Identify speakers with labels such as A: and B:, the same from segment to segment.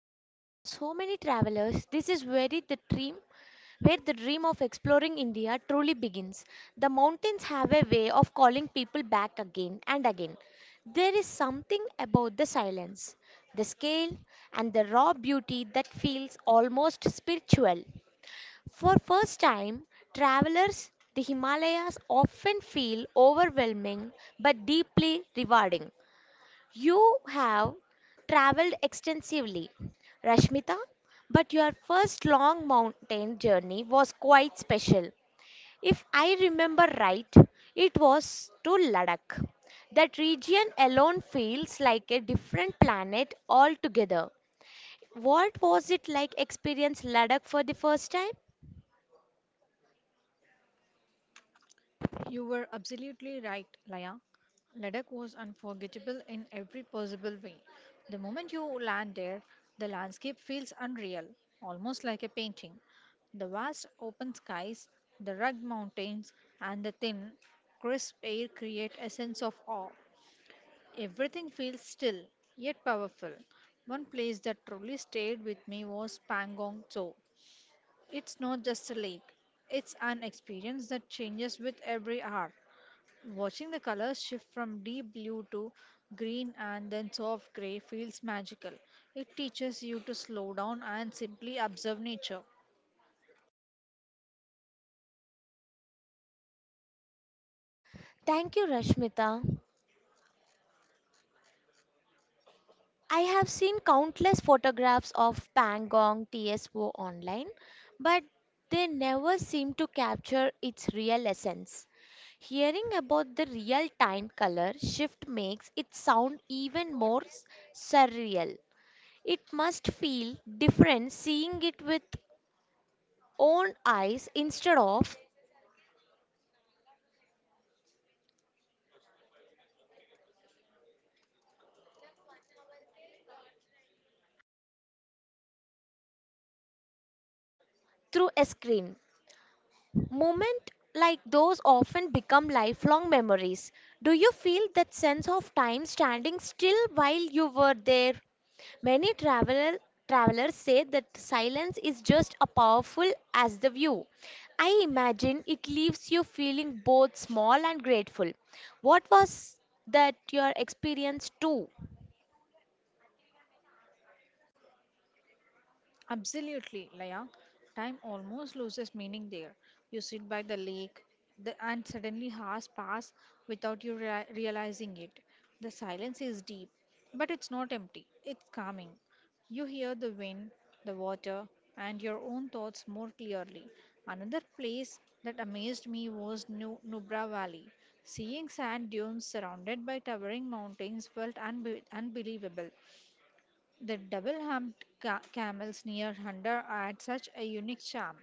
A: because for so many travelers, this is where where the dream of exploring India truly begins. The mountains have a way of calling people back again and again. There is something about the silence, the scale, and the raw beauty that feels almost spiritual. For first-time travelers, the Himalayas often feel overwhelming but deeply rewarding. You have traveled extensively, Rashmita, but your first long mountain journey was quite special. If I remember right, it was to Ladakh. That region alone feels like a different planet altogether. What was it like experience Ladakh for the first time?
B: You were absolutely right, Laya. Ladakh was unforgettable in every possible way. The moment you land there, the landscape feels unreal, almost like a painting. The vast open skies, the rugged mountains, and the thin, crisp air create a sense of awe. Everything feels still, yet powerful. One place that truly stayed with me was Pangong Tso. It's not just a lake, it's an experience that changes with every hour. Watching the colors shift from deep blue to green and then soft gray feels magical. It teaches you to slow down and simply observe nature.
A: Thank you, Rashmita. I have seen countless photographs of Pangong TSO online, but they never seem to capture its real essence. Hearing about the real time color shift makes it sound even more surreal. It must feel different seeing it with own eyes instead of through a screen. Moments like those often become lifelong memories. Do you feel that sense of time standing still while you were there? Many travelers say that silence is just as powerful as the view. I imagine it leaves you feeling both small and grateful. What was that your experience too?
B: Absolutely, Laya. Time almost loses meaning there. You sit by the lake, and suddenly hours pass without you realizing it. The silence is deep, but it's not empty, it's calming. You hear the wind, the water, and your own thoughts more clearly. Another place that amazed me was Nubra Valley. Seeing sand dunes surrounded by towering mountains felt unbelievable. The double-humped camels near Hundar add such a unique charm.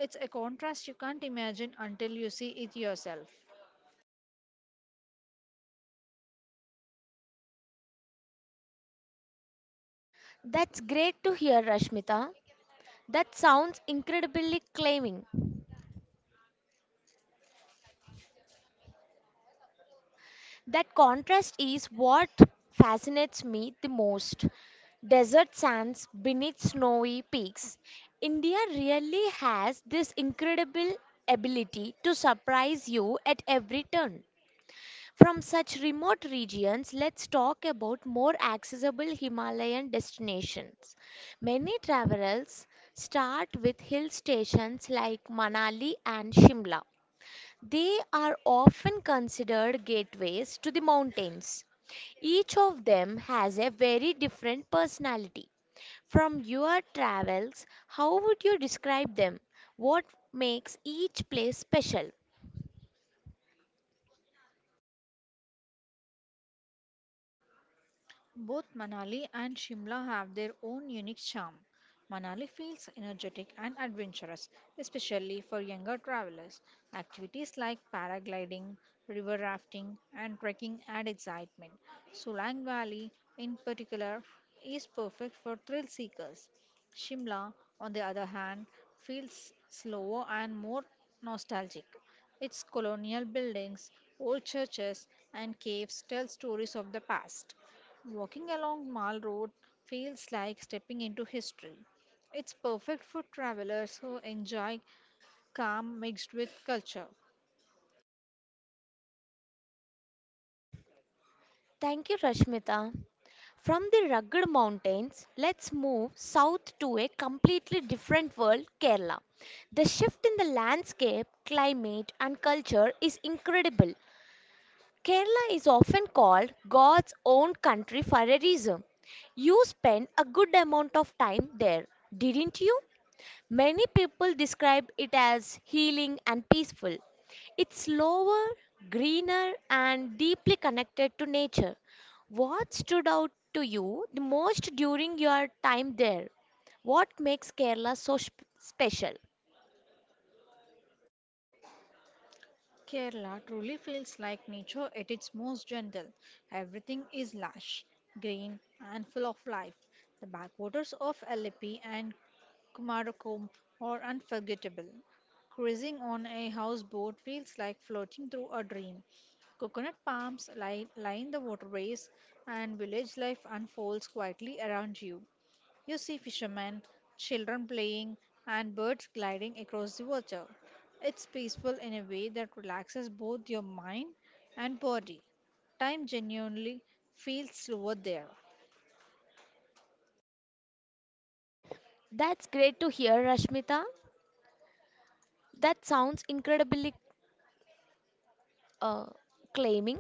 B: It's a contrast you can't imagine until you see it yourself.
A: That's great to hear, Rashmita. That sounds incredibly claiming. That contrast is what fascinates me the most. Desert sands beneath snowy peaks. India really has this incredible ability to surprise you at every turn. From such remote regions, let's talk about more accessible Himalayan destinations. Many travelers start with hill stations like Manali and Shimla. They are often considered gateways to the mountains. Each of them has a very different personality. From your travels, how would you describe them? What makes each place special?
B: Both Manali and Shimla have their own unique charm. Manali feels energetic and adventurous, especially for younger travelers. Activities like paragliding, river rafting, and trekking add excitement. Solang Valley, in particular, is perfect for thrill seekers. Shimla, on the other hand, feels slower and more nostalgic. Its colonial buildings, old churches, and caves tell stories of the past. Walking along Mall Road feels like stepping into history. It's perfect for travelers who enjoy calm mixed with culture.
A: Thank you, Rashmita. From the rugged mountains, let's move south to a completely different world, Kerala. The shift in the landscape, climate, and culture is incredible. Kerala is often called God's own country for a reason. You spent a good amount of time there, didn't you? Many people describe it as healing and peaceful. It's slower, greener, and deeply connected to nature. What stood out to you the most during your time there? What makes Kerala so special?
B: Kerala truly feels like nature at its most gentle. Everything is lush, green, and full of life. The backwaters of Alleppey and Kumarakom are unforgettable. Cruising on a houseboat feels like floating through a dream. Coconut palms line the waterways, and village life unfolds quietly around you. You see fishermen, children playing, and birds gliding across the water. It's peaceful in a way that relaxes both your mind and body. Time genuinely feels slower there.
A: That's great to hear, Rashmita. That sounds incredibly uh, claiming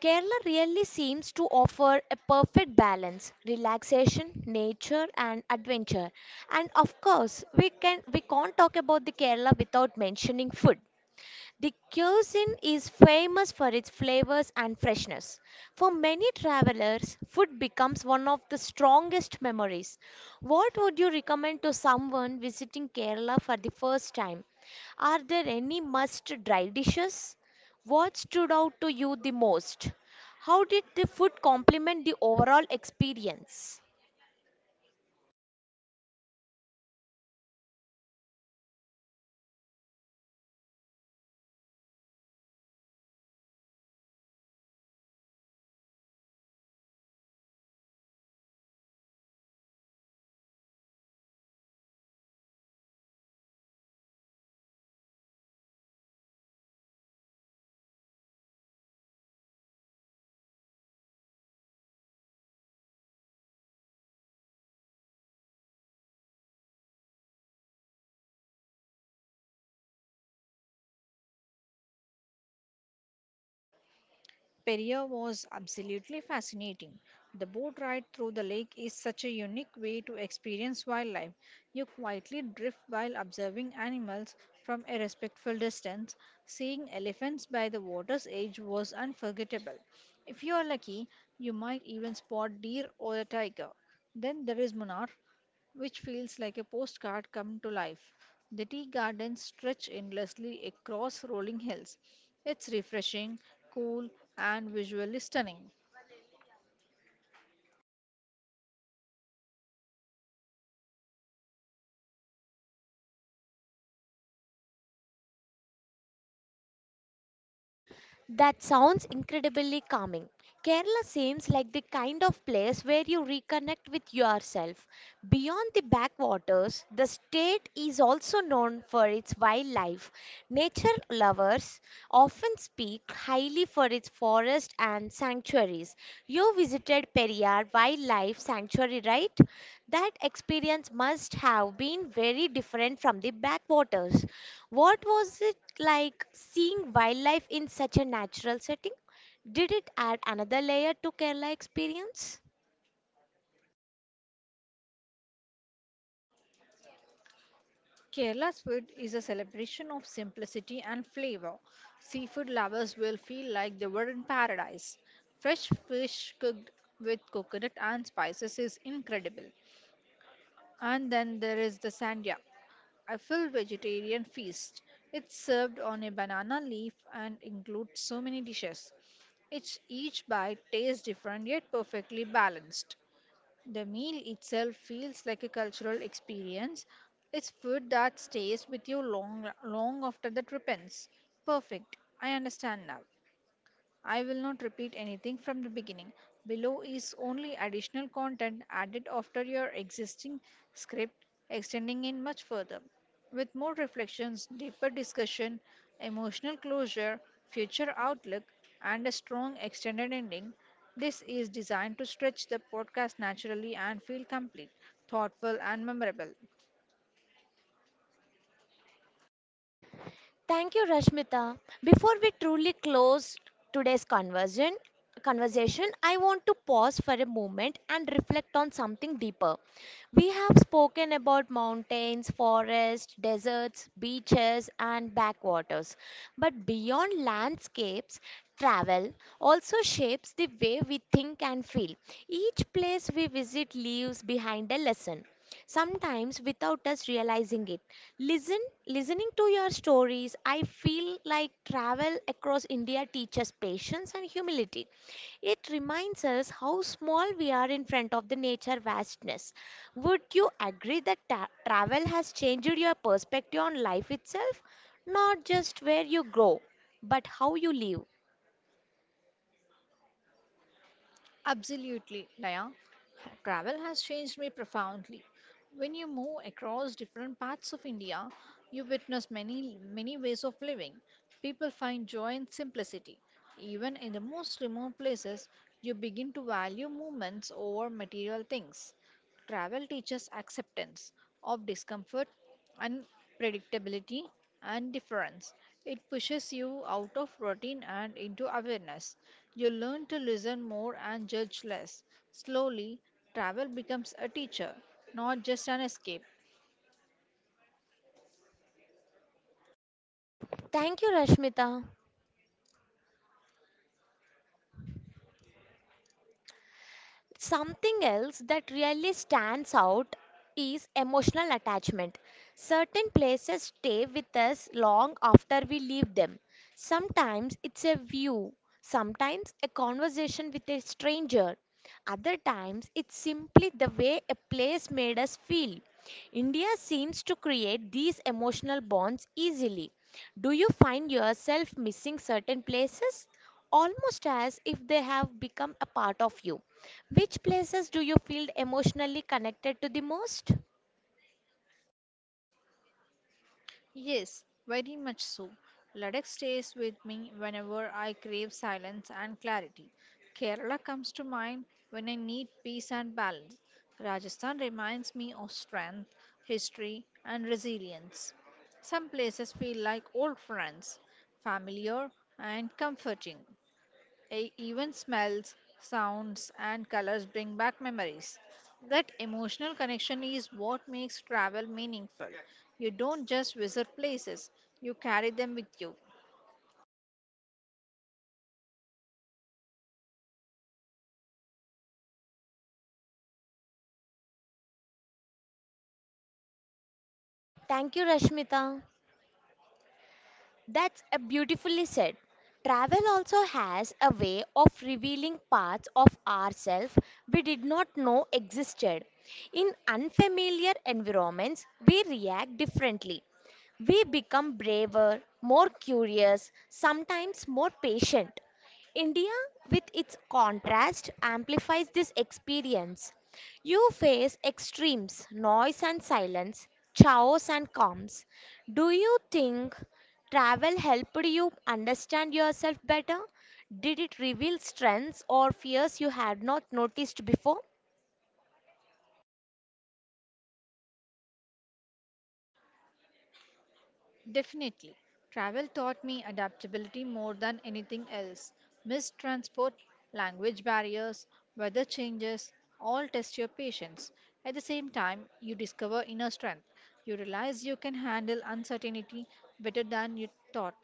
A: Kerala really seems to offer a perfect balance, relaxation, nature and adventure. And of course, we can't talk about the Kerala without mentioning food. The cuisine is famous for its flavors and freshness. For many travelers, food becomes one of the strongest memories. What would you recommend to someone visiting Kerala for the first time? Are there any must try dishes? What stood out to you the most? How did the food complement the overall experience?
B: Perrier was absolutely fascinating. The boat ride through the lake is such a unique way to experience wildlife. You quietly drift while observing animals from a respectful distance. Seeing elephants by the water's edge was unforgettable. If you are lucky, you might even spot deer or a tiger. Then there is Munnar, which feels like a postcard come to life. The tea gardens stretch endlessly across rolling hills, it's refreshing, cool, and visually stunning.
A: That sounds incredibly calming. Kerala seems like the kind of place where you reconnect with yourself. Beyond the backwaters, the state is also known for its wildlife. Nature lovers often speak highly for its forest and sanctuaries. You visited Periyar Wildlife Sanctuary, right? That experience must have been very different from the backwaters. What was it like seeing wildlife in such a natural setting? Did it add another layer to Kerala experience?
B: Kerala's food is a celebration of simplicity and flavor. Seafood lovers will feel like they were in paradise. Fresh fish cooked with coconut and spices is incredible. And then there is the sandhya, a full vegetarian feast. It's served on a banana leaf and includes so many dishes. Each bite tastes different yet perfectly balanced. The meal itself feels like a cultural experience. It's food that stays with you long after the trip ends. Perfect. I understand now. I will not repeat anything from the beginning. Below is only additional content added after your existing script, extending it much further. With more reflections, deeper discussion, emotional closure, future outlook, and a strong extended ending, this is designed to stretch the podcast naturally and feel complete, thoughtful, and memorable.
A: Thank you, Rashmita. Before we truly close today's conversation, I want to pause for a moment and reflect on something deeper. We have spoken about mountains, forests, deserts, beaches, and backwaters. But beyond landscapes, travel also shapes the way we think and feel. Each place we visit leaves behind a lesson sometimes without us realizing it. Listen, listening to your stories, I feel like travel across India teaches patience and humility. It reminds us how small we are in front of the nature vastness. Would you agree that travel has changed your perspective on life itself? Not just where you go, but how you live.
B: Absolutely, Daya. Travel has changed me profoundly. When you move across different parts of India, you witness many ways of living. People find joy in simplicity. Even in the most remote places, you begin to value movements over material things. Travel teaches acceptance of discomfort, unpredictability, and difference. It pushes you out of routine and into awareness. You learn to listen more and judge less. Slowly, travel becomes a teacher, not just an escape.
A: Thank you, Rashmita. Something else that really stands out is emotional attachment. Certain places stay with us long after we leave them. Sometimes it's a view, sometimes a conversation with a stranger, other times it's simply the way a place made us feel. India seems to create these emotional bonds easily. Do you find yourself missing certain places, almost as if they have become a part of you? Which places do you feel emotionally connected to the most?
B: Yes, very much so. Ladakh stays with me whenever I crave silence and clarity. Kerala comes to mind when I need peace and balance. Rajasthan reminds me of strength, history, and resilience. Some places feel like old friends, familiar and comforting. Even smells, sounds, and colors bring back memories. That emotional connection is what makes travel meaningful. You don't just visit places, you carry them with you.
A: Thank you, Rashmita. That's a beautifully said. Travel also has a way of revealing parts of ourselves we did not know existed. In unfamiliar environments, we react differently. We become braver, more curious, sometimes more patient. India, with its contrast, amplifies this experience. You face extremes, noise and silence, chaos and calms. Do you think travel helped you understand yourself better? Did it reveal strengths or fears you had not noticed before?
B: Definitely, travel taught me adaptability more than anything else. Missed transport, language barriers, weather changes all test your patience. At the same time, you discover inner strength. You realize you can handle uncertainty better than you thought.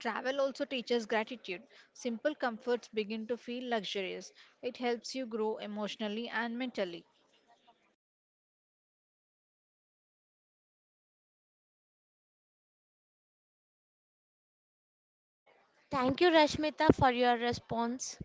B: Travel also teaches gratitude. Simple comforts begin to feel luxurious. It helps you grow emotionally and mentally.
A: Thank you, Rashmita, for your response.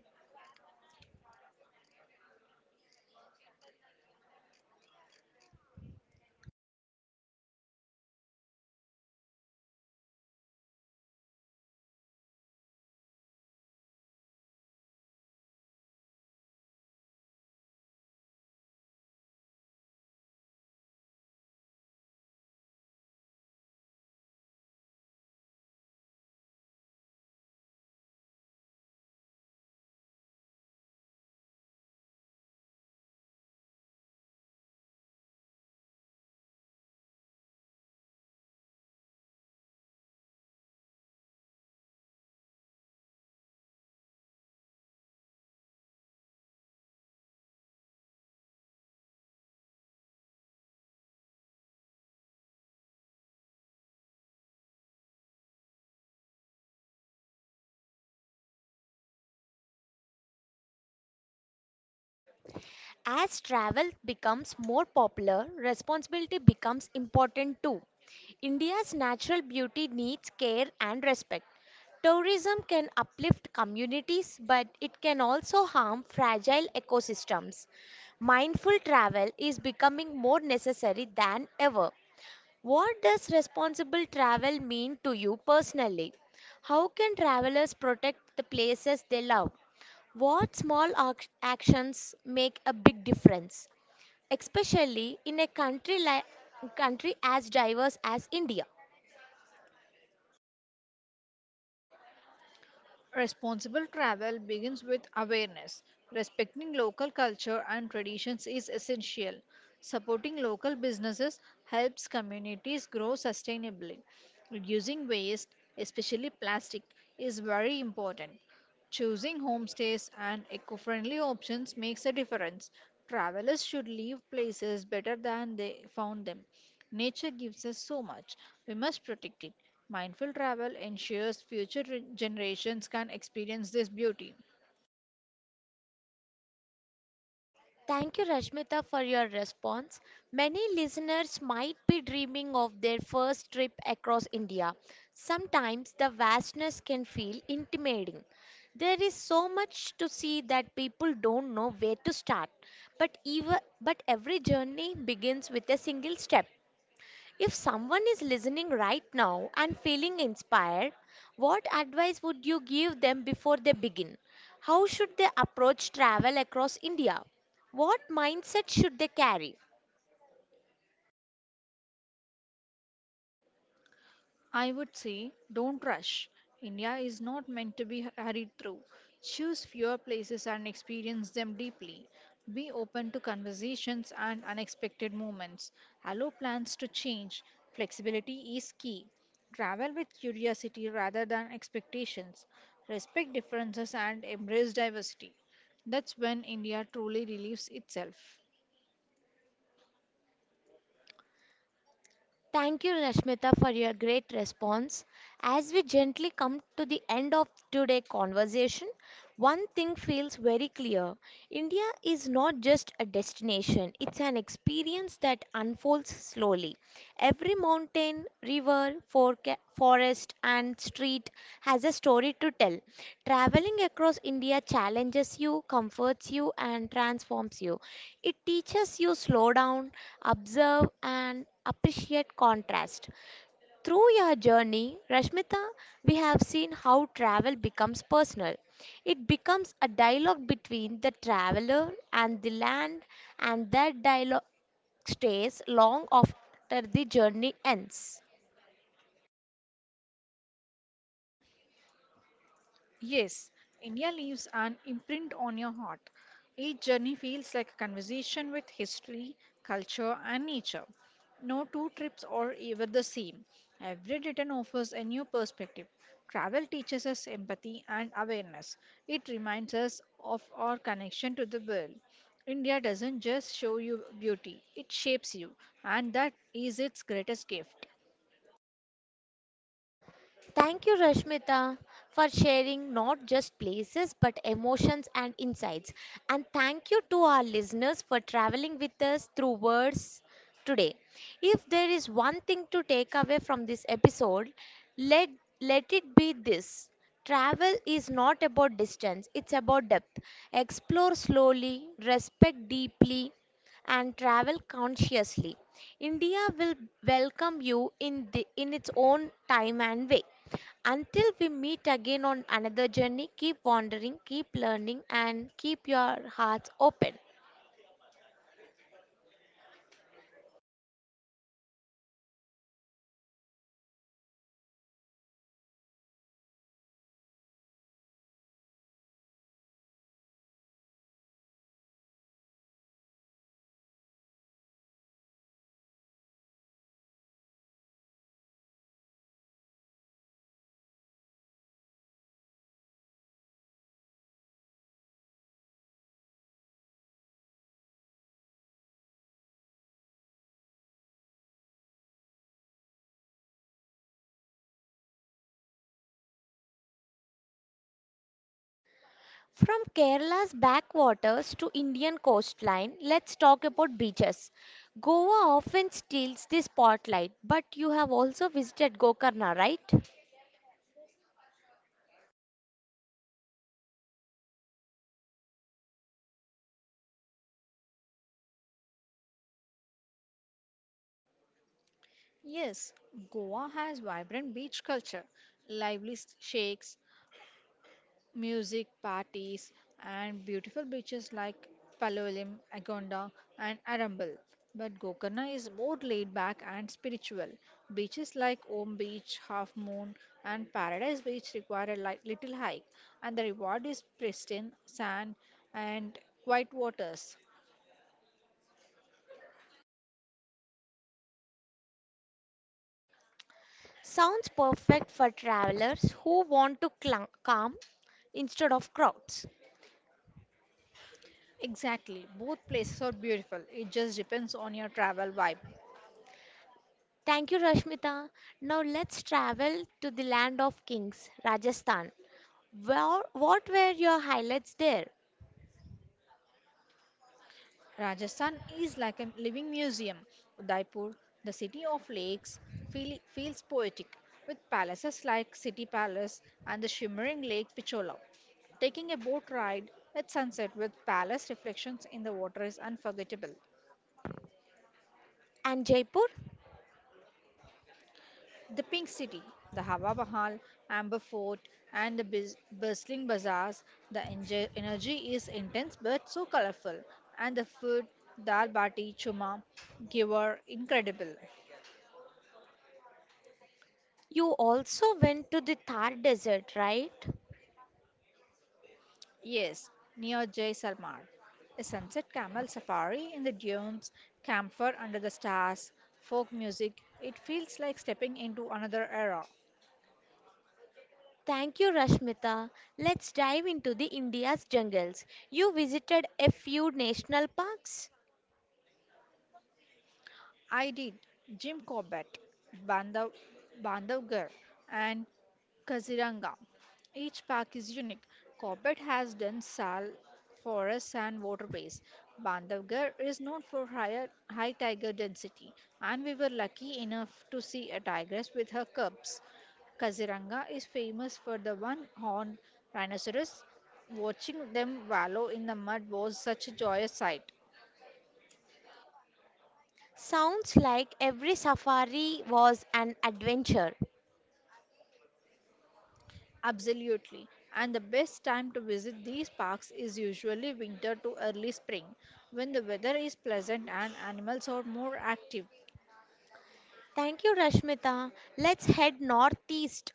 A: As travel becomes more popular, responsibility becomes important too. India's natural beauty needs care and respect. Tourism can uplift communities, but it can also harm fragile ecosystems. Mindful travel is becoming more necessary than ever. What does responsible travel mean to you personally? How can travelers protect the places they love? What small actions make a big difference, especially in a country like country as diverse as India?
B: Responsible travel begins with awareness. Respecting local culture and traditions is essential. Supporting local businesses helps communities grow sustainably. Reducing waste, especially plastic, is very important. Choosing homestays and eco friendly options makes a difference. Travelers should leave places better than they found them. Nature gives us so much, we must protect it. Mindful travel ensures future generations can experience this beauty.
A: Thank you, Rashmita, for your response. Many listeners might be dreaming of their first trip across India. Sometimes the vastness can feel intimidating. There is so much to see that people don't know where to start. But every journey begins with a single step. If someone is listening right now and feeling inspired, what advice would you give them before they begin? How should they approach travel across India? What mindset should they carry?
B: I would say don't rush. India is not meant to be hurried through. Choose fewer places and experience them deeply. Be open to conversations and unexpected moments. Allow plans to change. Flexibility is key. Travel with curiosity rather than expectations. Respect differences and embrace diversity. That's when India truly relieves itself.
A: Thank you, Rashmita, for your great response. As we gently come to the end of today's conversation, one thing feels very clear. India is not just a destination, it's an experience that unfolds slowly. Every mountain, river, forest, and street has a story to tell. Traveling across India challenges you, comforts you, and transforms you. It teaches you slow down, observe, and appreciate contrast. Through your journey, Rashmita, we have seen how travel becomes personal. It becomes a dialogue between the traveler and the land, and that dialogue stays long after the journey ends.
B: Yes, India leaves an imprint on your heart. Each journey feels like a conversation with history, culture, and nature. No two trips are ever the same. Every return offers a new perspective. Travel teaches us empathy and awareness. It reminds us of our connection to the world. India doesn't just show you beauty, it shapes you, and that is its greatest gift.
A: Thank you, Rashmita, for sharing not just places but emotions and insights. And thank you to our listeners for traveling with us through words today. If there is one thing to take away from this episode, let, let it be this travel is not about distance, it's about depth. Explore slowly, respect deeply, and travel consciously. India will welcome you in its own time and way. Until we meet again on another journey, keep wandering, keep learning, and keep your hearts open. From Kerala's backwaters to Indian coastline, let's talk about beaches. Goa often steals the spotlight, but you have also visited Gokarna, right?
B: Yes, Goa has vibrant beach culture, lively shakes, music, parties, and beautiful beaches like Palolem, Agonda, and Arambal. But Gokarna is more laid back and spiritual. Beaches like Om Beach, Half Moon, and Paradise Beach require a little hike, and the reward is pristine sand and quiet waters.
A: Sounds perfect for travelers who want to calm instead of crowds.
B: Exactly, both places are beautiful. It just depends on your travel vibe.
A: Thank you, Rashmita. Now let's travel to the land of kings, Rajasthan. What were your highlights there?
B: Rajasthan is like a living museum. Udaipur, the city of lakes, feels poetic with palaces like City Palace and the shimmering Lake Pichola. Taking a boat ride at sunset with palace reflections in the water is unforgettable.
A: And Jaipur,
B: The Pink City, the Hawa Mahal, Amber Fort, and the bustling bazaars, the energy is intense but so colorful, and the food, dal bati, chuma, giver, incredible.
A: you also went to the Thar Desert, right?
B: Yes, near Jaisalmer. A sunset camel safari in the dunes, camphor under the stars, folk music. It feels like stepping into another era.
A: Thank you, Rashmita. Let's dive into the India's jungles. You visited a few national parks.
B: I did. Jim Corbett, Bandav, Bandavgarh, and Kaziranga. Each park is unique. Corbett has dense sal forests and waterways. Bandavgarh is known for high tiger density, and we were lucky enough to see a tigress with her cubs. Kaziranga is famous for the one-horned rhinoceros. Watching them wallow in the mud was such a joyous sight.
A: Sounds like every safari was an adventure.
B: Absolutely. And the best time to visit these parks is usually winter to early spring, when the weather is pleasant and animals are more active.
A: Thank you, Rashmita. Let's head northeast.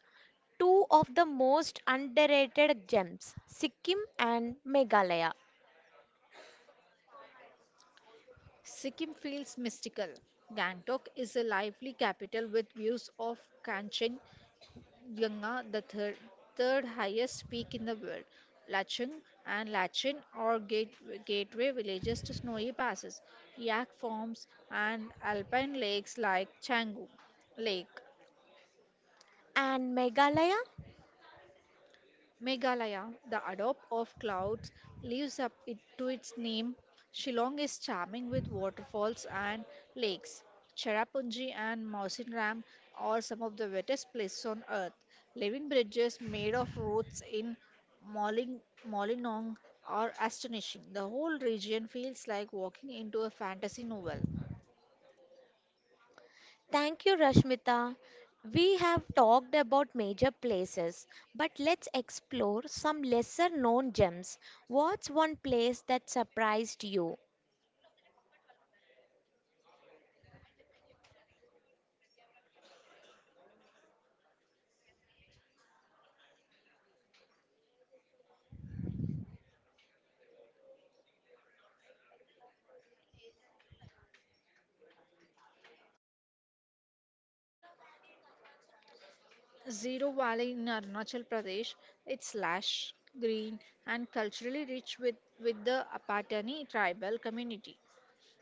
A: Two of the most underrated gems, Sikkim and Meghalaya.
B: Sikkim feels mystical. Gangtok is a lively capital with views of Kanchenjunga, the third, third highest peak in the world. Lachung and Lachin are gateway villages to snowy passes, yak farms, and alpine lakes like Canggu Lake.
A: And Meghalaya?
B: Meghalaya, the adobe of clouds, lives up to its name. Shillong is charming with waterfalls and lakes. Cherrapunji and Mausinram are some of the wettest places on earth. Living bridges made of roots in Molinong are astonishing. The whole region feels like walking into a fantasy novel.
A: Thank you, Rashmita. We have talked about major places, but let's explore some lesser known gems. What's one place that surprised you?
B: Zero Valley in Arunachal Pradesh, it's lush, green, and culturally rich with the Apatani tribal community.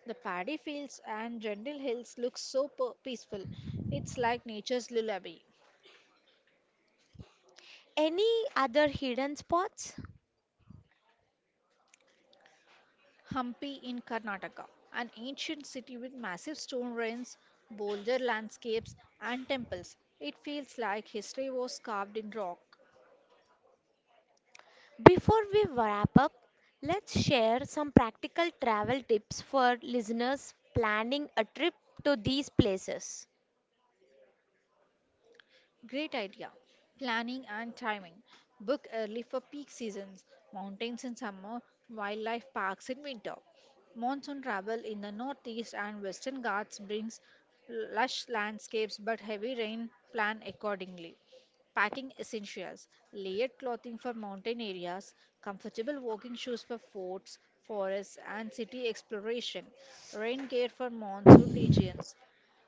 B: The paddy fields and gentle hills look so peaceful. It's like nature's lullaby.
A: Any other hidden spots?
B: Hampi in Karnataka, an ancient city with massive stone ruins, bolder landscapes, and temples. It feels like history was carved in rock.
A: Before we wrap up, let's share some practical travel tips for listeners planning a trip to these places.
B: Great idea. Planning and timing. Book early for peak seasons, mountains in summer, wildlife parks in winter. Monsoon travel in the northeast and western ghats brings lush landscapes but heavy rain. Plan accordingly. Packing essentials, layered clothing for mountain areas, comfortable walking shoes for forts, forests, and city exploration, rain gear for monsoon regions,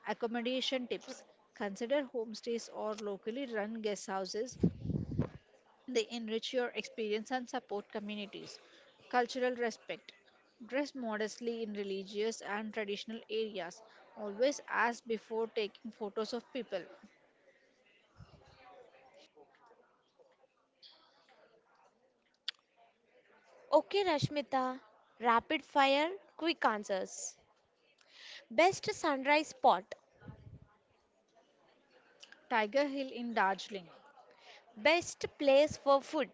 B: accommodation tips. Consider homestays or locally run guest houses. They enrich your experience and support communities. Cultural respect. Dress modestly in religious and traditional areas. Always ask before taking photos of people.
A: Okay, Rashmita, rapid fire, quick answers. Best sunrise spot,
B: Tiger Hill in Darjeeling,
A: best place for food,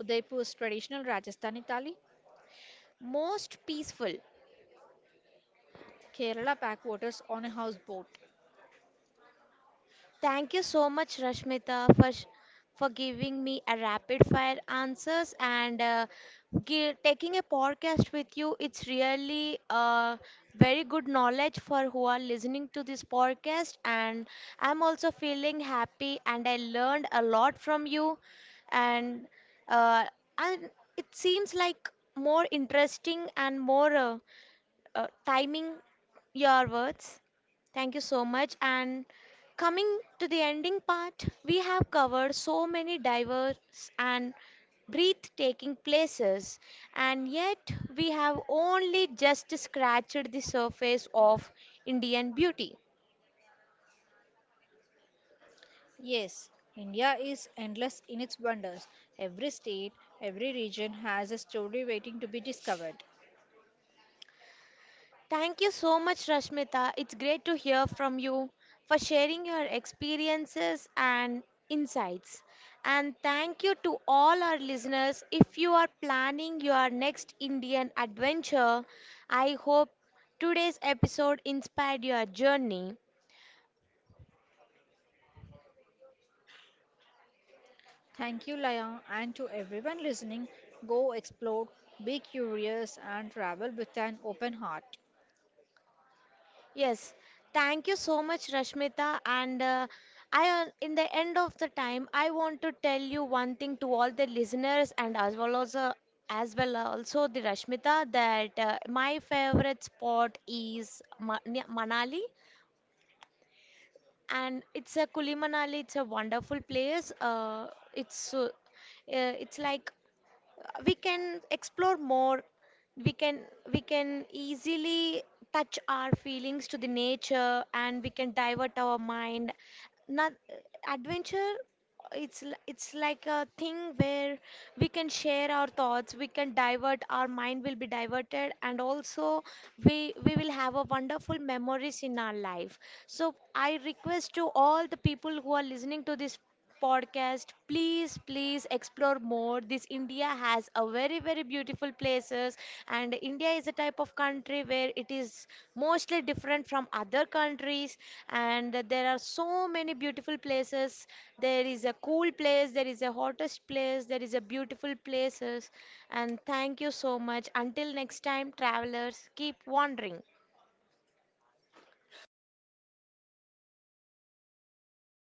B: Udaipur's traditional Rajasthani thali,
A: most peaceful.
B: Kerala backwaters on a houseboat.
A: Thank you so much, Rashmita, for giving me a rapid fire answers and taking a podcast with you. It's really very good knowledge for who are listening to this podcast. And I'm also feeling happy and I learned a lot from you. And, uh, and it seems like more interesting and more timing your words. Thank you so much. And coming to the ending part, we have covered so many diverse and breathtaking places, and yet we have only just scratched the surface of Indian beauty.
B: Yes, India is endless in its wonders. Every state, every region has a story waiting to be discovered.
A: Thank you so much, Rashmita. It's great to hear from you for sharing your experiences and insights. And thank you to all our listeners. If you are planning your next Indian adventure, I hope today's episode inspired your journey.
B: Thank you, Layang, and to everyone listening, go explore, be curious, and travel with an open heart.
A: Yes, thank you so much, Rashmita. In the end of the time, I want to tell you one thing to all the listeners and as well also the Rashmita that my favorite spot is Manali, and it's a Kuli Manali. It's a wonderful place. It's like we can explore more we can we can easily touch our feelings to the nature and we can divert our mind not adventure. It's like a thing where we can share our thoughts, we can divert our mind will be diverted, and also we will have a wonderful memories in our life. So I request to all the people who are listening to this podcast, please, please explore more. This India has a very, very beautiful places, and India is a type of country where it is mostly different from other countries, and there are so many beautiful places. There is a cool place, there is a hottest place, there is a beautiful places, and thank you so much. Until next time, travelers, keep wandering.